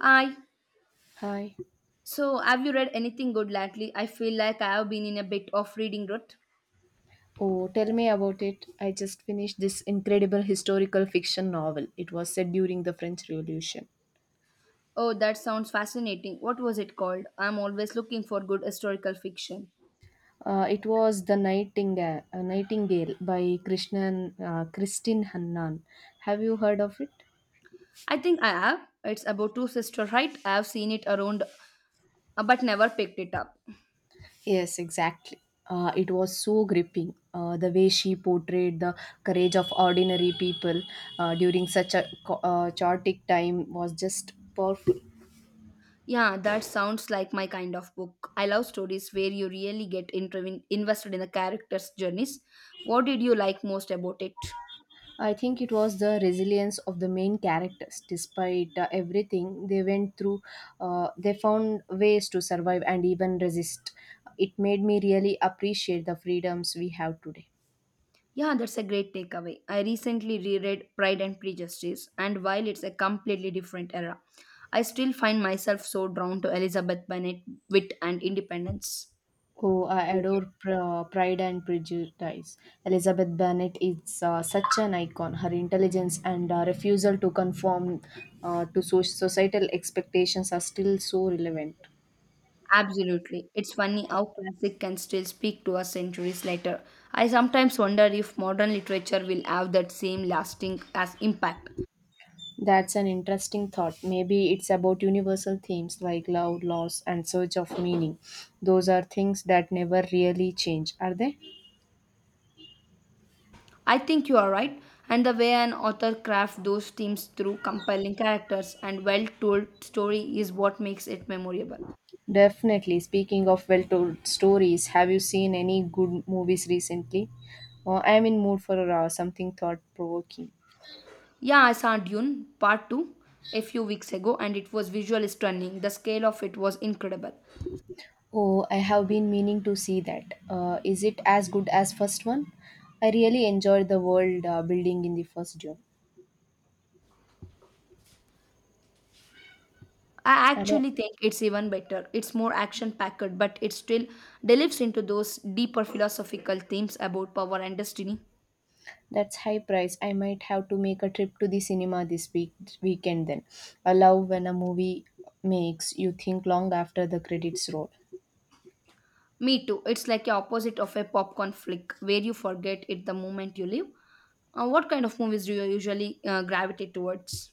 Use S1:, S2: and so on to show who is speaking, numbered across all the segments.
S1: Hi.
S2: Hi.
S1: So, have you read anything good lately? I feel like I have been in a bit of reading rut.
S2: Oh, tell me about it. I just finished this incredible historical fiction novel. It was set during the French Revolution.
S1: Oh, that sounds fascinating. What was it called? I'm always looking for good historical fiction.
S2: It was The Nightingale, Nightingale by Krishnan, Christine Hannan. Have you heard of it?
S1: I think I have. It's about two sisters, right? I have seen it around but never picked it up.
S2: Yes, exactly. It was so gripping. The way she portrayed the courage of ordinary people during such a chaotic time was just powerful.
S1: Yeah, that sounds like my kind of book. I love stories where you really get invested in the characters' journeys. What did you like most about it?
S2: I think it was the resilience of the main characters. Despite everything they went through, they found ways to survive and even resist. It made me really appreciate the freedoms we have today.
S1: Yeah, that's a great takeaway. I recently reread Pride and Prejudice, and while it's a completely different era, I still find myself so drawn to Elizabeth Bennet wit and independence.
S2: Oh, I adore Pride and Prejudice. Elizabeth Bennet is such an icon. Her intelligence and refusal to conform to societal expectations are still so relevant.
S1: Absolutely. It's funny how classic can still speak to us centuries later. I sometimes wonder if modern literature will have that same lasting as impact.
S2: That's an interesting thought. Maybe it's about universal themes like love, loss, and search of meaning. Those are things that never really change, are they?
S1: I think you are right, and the way an author crafts those themes through compelling characters and well-told story is what makes it memorable.
S2: Definitely. Speaking of well told stories, have you seen any good movies recently? I am in mood for something thought provoking.
S1: Yeah, I saw Dune Part 2 a few weeks ago and it was visually stunning. The scale of it was incredible.
S2: Oh, I have been meaning to see that. Is it as good as first one? I really enjoyed the world building in the first Dune.
S1: I actually think it's even better. It's more action packed, but it still delves into those deeper philosophical themes about power and destiny.
S2: That's high price. I might have to make a trip to the cinema this weekend then. I love when a movie makes you think long after the credits roll.
S1: Me too. It's like the opposite of a popcorn flick where you forget it the moment you leave. What kind of movies do you usually gravitate towards?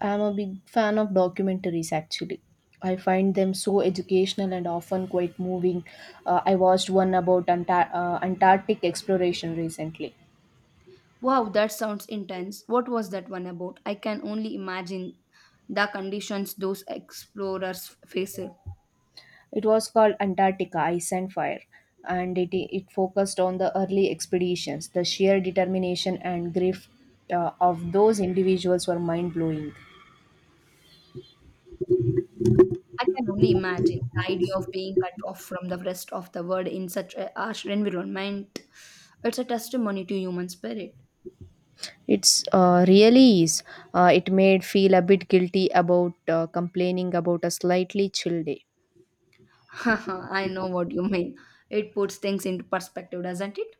S2: I'm a big fan of documentaries actually. I find them so educational and often quite moving. I watched one about Antarctic exploration recently.
S1: Wow, that sounds intense. What was that one about? I can only imagine the conditions those explorers faced. I
S2: It was called Antarctica Ice and Fire, and it focused on the early expeditions. The sheer determination and grit of those individuals were mind blowing.
S1: can only imagine the idea of being cut off from the rest of the world in such a harsh environment. It's a testimony to human spirit.
S2: It's really is. It made feel a bit guilty about complaining about a slightly chill day.
S1: I know what you mean. It puts things into perspective, doesn't it?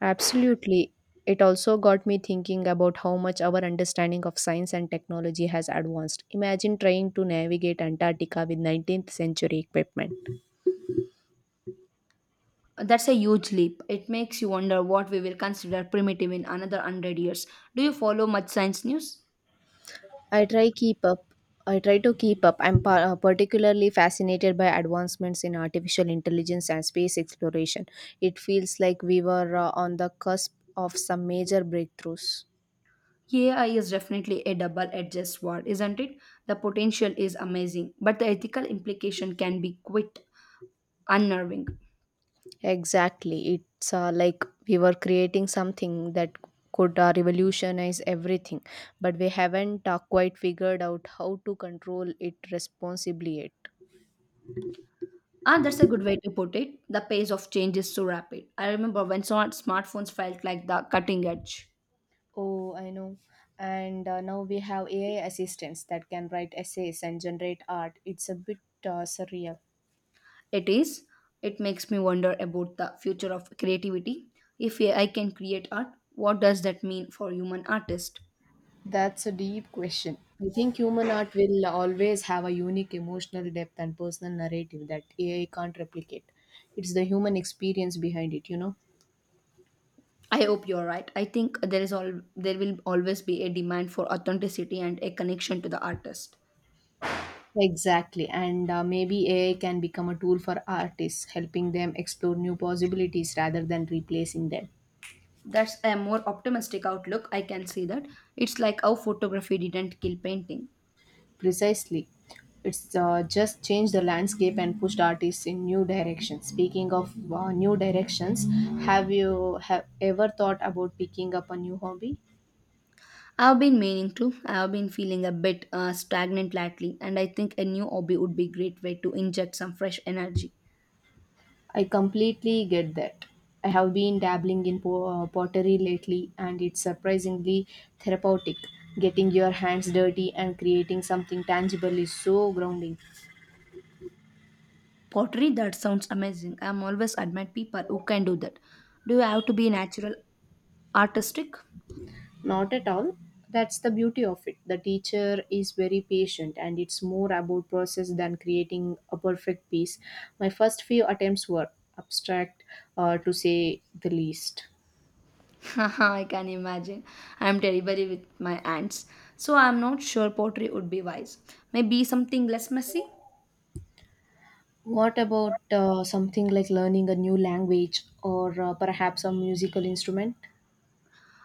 S2: Absolutely. It also got me thinking about how much our understanding of science and technology has advanced. Imagine trying to navigate Antarctica with 19th century equipment.
S1: That's a huge leap. It makes you wonder what we will consider primitive in another 100 years. Do you follow much science news?
S2: I try keep up. I try to keep up. I'm particularly fascinated by advancements in artificial intelligence and space exploration. It feels like we were on the cusp of some major breakthroughs.
S1: AI is definitely a double edged sword, isn't it? The potential is amazing, but the ethical implication can be quite unnerving.
S2: Exactly. It's like we were creating something that could revolutionize everything, but we haven't quite figured out how to control it responsibly yet.
S1: Ah, that's a good way to put it. The pace of change is so rapid. I remember when smartphones felt like the cutting edge.
S2: Oh, I know. And now we have AI assistants that can write essays and generate art. It's a bit surreal.
S1: It is. It makes me wonder about the future of creativity. If AI can create art, what does that mean for human artists?
S2: That's a deep question. I think human art will always have a unique emotional depth and personal narrative that AI can't replicate. It's the human experience behind it, you know?
S1: I hope you're right. I think there is all there will always be a demand for authenticity and a connection to the artist.
S2: Exactly. And maybe AI can become a tool for artists, helping them explore new possibilities rather than replacing them.
S1: That's a more optimistic outlook. I can see that. It's like how photography didn't kill painting.
S2: Precisely. It's just changed the landscape and pushed artists in new directions. Speaking of new directions, have you have ever thought about picking up a new hobby?
S1: I've been meaning to. I've been feeling a bit stagnant lately, and I think a new hobby would be a great way to inject some fresh energy.
S2: I completely get that. I have been dabbling in pottery lately and it's surprisingly therapeutic. Getting your hands dirty and creating something tangible is so grounding.
S1: Pottery, that sounds amazing. I'm always admired people who can do that. Do you have to be natural artistic?
S2: Not at all. That's the beauty of it. The teacher is very patient and it's more about process than creating a perfect piece. My first few attempts were abstract, to say the least.
S1: I can imagine. I'm terrible with my hands, so I'm not sure pottery would be wise. Maybe something less messy.
S2: What about something like learning a new language or perhaps a musical instrument?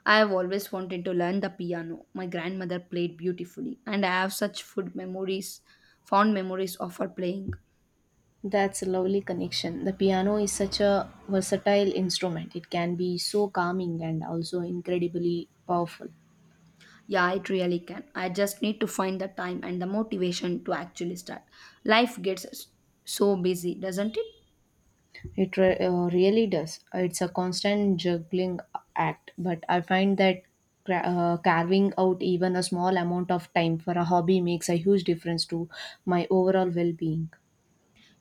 S1: I have always wanted to learn the piano. My grandmother played beautifully, and I have such fond memories of her playing.
S2: That's a lovely connection. The piano is such a versatile instrument. It can be so calming and also incredibly powerful.
S1: Yeah, it really can. I just need to find the time and the motivation to actually start. Life gets so busy, doesn't it?
S2: It really does. It's a constant juggling act, but I find that carving out even a small amount of time for a hobby makes a huge difference to my overall well-being.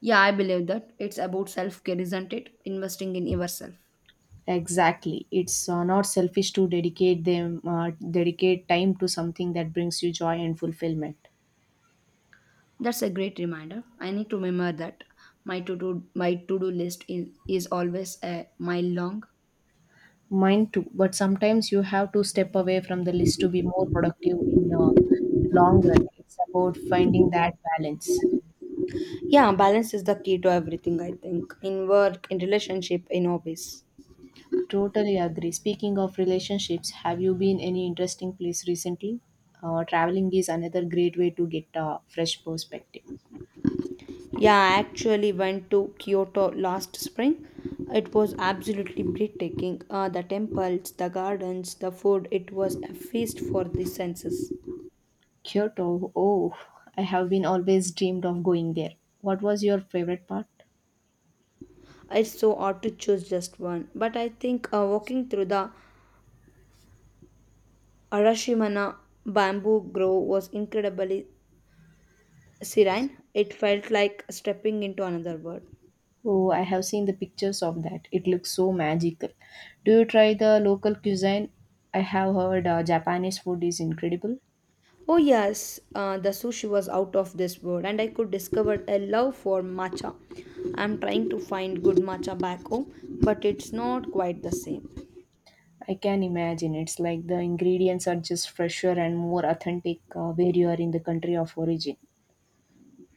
S1: Yeah, I believe that. It's about self care, isn't it? Investing in yourself.
S2: Exactly. It's not selfish to dedicate time to something that brings you joy and fulfillment.
S1: That's a great reminder. I need to remember that my to do list is always a mile long.
S2: Mine too, but sometimes you have to step away from the list to be more productive in the long run. It's about finding that balance.
S1: Yeah, balance is the key to everything, I think, in work, in relationship, in hobbies.
S2: Totally agree. Speaking of relationships, have you been any interesting place recently? Traveling is another great way to get a fresh perspective.
S1: Yeah, I actually went to Kyoto last spring. It was absolutely breathtaking. The temples, the gardens, the food, it was a feast for the senses.
S2: Kyoto. Oh, I have been always dreamed of going there. What was your favorite part?
S1: It's so hard to choose just one, but I think walking through the Arashimana bamboo grove was incredibly serene. It felt like stepping into another world.
S2: Oh, I have seen the pictures of that. It looks so magical. Do you try the local cuisine? I have heard Japanese food is incredible.
S1: Oh, yes, the sushi was out of this world, and I could discover a love for matcha. I'm trying to find good matcha back home, but it's not quite the same.
S2: I can imagine it's like the ingredients are just fresher and more authentic where you are in the country of origin.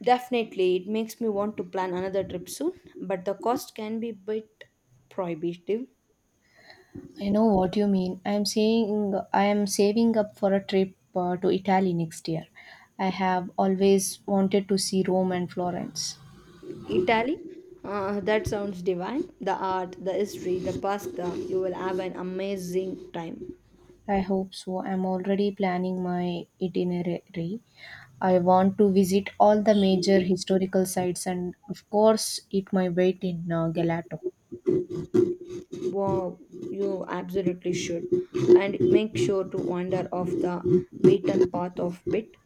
S1: Definitely, it makes me want to plan another trip soon, but the cost can be a bit prohibitive.
S2: I know what you mean. I am saving up for a trip to Italy next year. I have always wanted to see Rome and Florence.
S1: Italy, that sounds divine. The art, the history, the pasta, you will have an amazing time.
S2: I hope so. I'm already planning my itinerary. I want to visit all the major historical sites and, of course, eat my weight in gelato.
S1: Wow, you absolutely should. And make sure to wander off the beaten path of bit.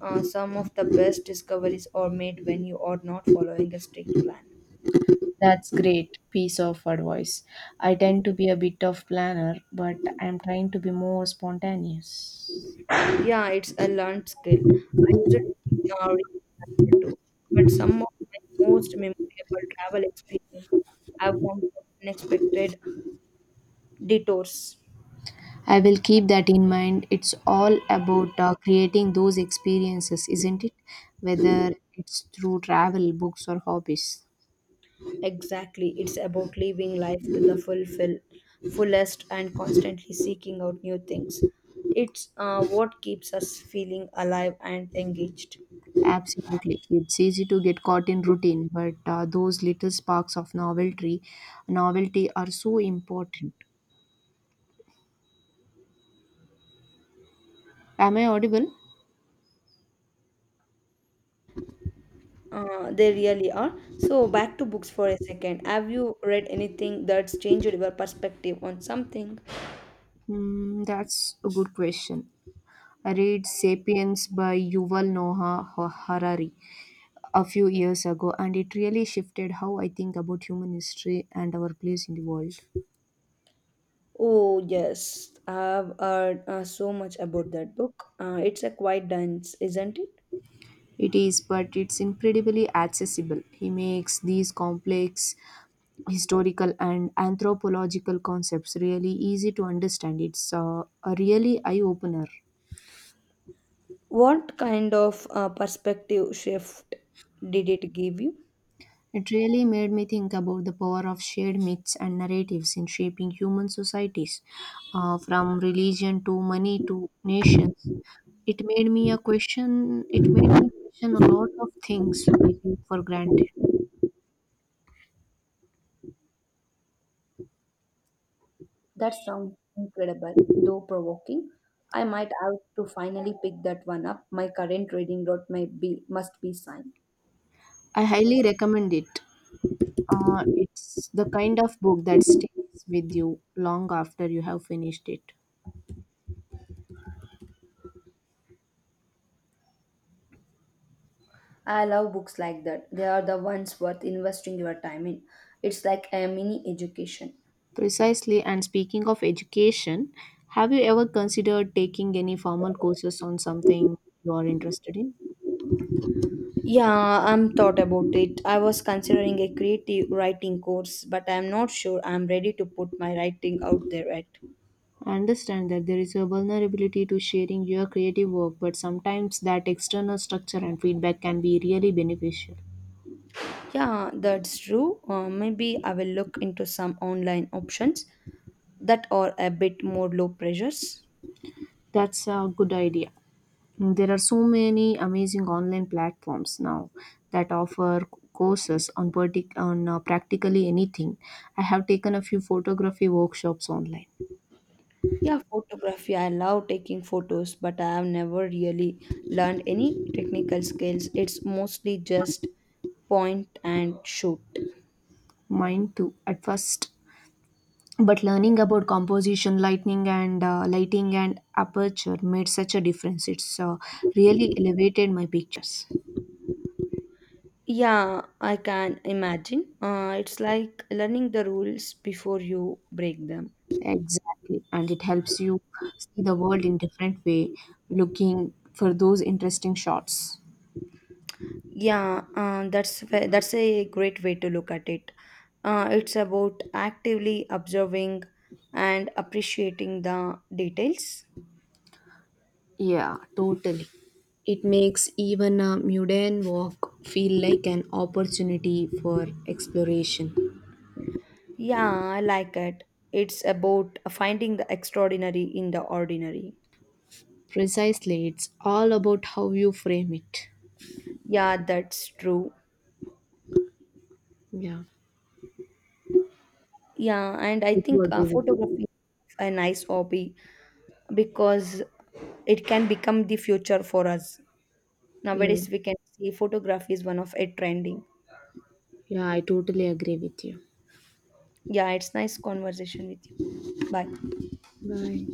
S1: Some of the best discoveries are made when you are not following a strict plan.
S2: That's great piece of advice. I tend to be a bit of planner, but I'm trying to be more spontaneous.
S1: Yeah, it's a learned skill. I used it to be a original too. But some of my most memorable travel experiences have come from unexpected detours.
S2: I will keep that in mind. It's all about creating those experiences, isn't it? Whether it's through travel, books, or hobbies.
S1: Exactly. It's about living life to the fulfill, fullest and constantly seeking out new things. It's what keeps us feeling alive and engaged.
S2: Absolutely. It's easy to get caught in routine, but those little sparks of novelty are so important. Am I audible?
S1: They really are. So, back to books for a second. Have you read anything that's changed your perspective on something?
S2: That's a good question. I read Sapiens by Yuval Noah Harari a few years ago, and it really shifted how I think about human history and our place in the world.
S1: Oh, yes. I've heard so much about that book. It's a quite dense, isn't it?
S2: It is, but it's incredibly accessible. He makes these complex historical and anthropological concepts really easy to understand. It's a really eye opener.
S1: What kind of perspective shift did it give you?
S2: It really made me think about the power of shared myths and narratives in shaping human societies, from religion to money to nations. It made me a question. It made me question a lot of things we take for granted.
S1: That sounds incredible, though provoking. I might have to finally pick that one up. My current reading route might be must be signed.
S2: I highly recommend it. It's the kind of book that stays with you long after you have finished it.
S1: I love books like that. They are the ones worth investing your time in. It's like a mini education.
S2: Precisely, and speaking of education, have you ever considered taking any formal courses on something you are interested in?
S1: Yeah, I'm thought about it. I was considering a creative writing course, but I'm not sure I'm ready to put my writing out there yet.
S2: I understand that there is a vulnerability to sharing your creative work, but sometimes that external structure and feedback can be really beneficial.
S1: Yeah, that's true. Maybe I will look into some online options that are a bit more low pressures.
S2: That's a good idea. There are so many amazing online platforms now that offer courses on practically anything. I have taken a few photography workshops online.
S1: Yeah, photography. I love taking photos, but I have never really learned any technical skills. It's mostly just point and shoot.
S2: Mine too, at first. But learning about composition, lighting and aperture made such a difference. It's really elevated my pictures.
S1: Yeah, I can imagine. It's like learning the rules before you break them.
S2: Exactly, and it helps you see the world in different way, looking for those interesting shots.
S1: Yeah, that's a great way to look at it. It's about actively observing and appreciating the details.
S2: Yeah, totally. It makes even a mundane walk feel like an opportunity for exploration.
S1: Yeah, I like it. It's about finding the extraordinary in the ordinary.
S2: Precisely, it's all about how you frame it.
S1: Yeah, that's true.
S2: Yeah,
S1: Yeah, and I
S2: I do
S1: think
S2: agree with you.
S1: photography is a nice hobby because it can become the future for us.
S2: Yeah,
S1: Nowadays, we can see photography is one of a trending.
S2: yeah, I totally agree with you.
S1: Yeah, it's nice conversation with you. Bye.
S2: Bye.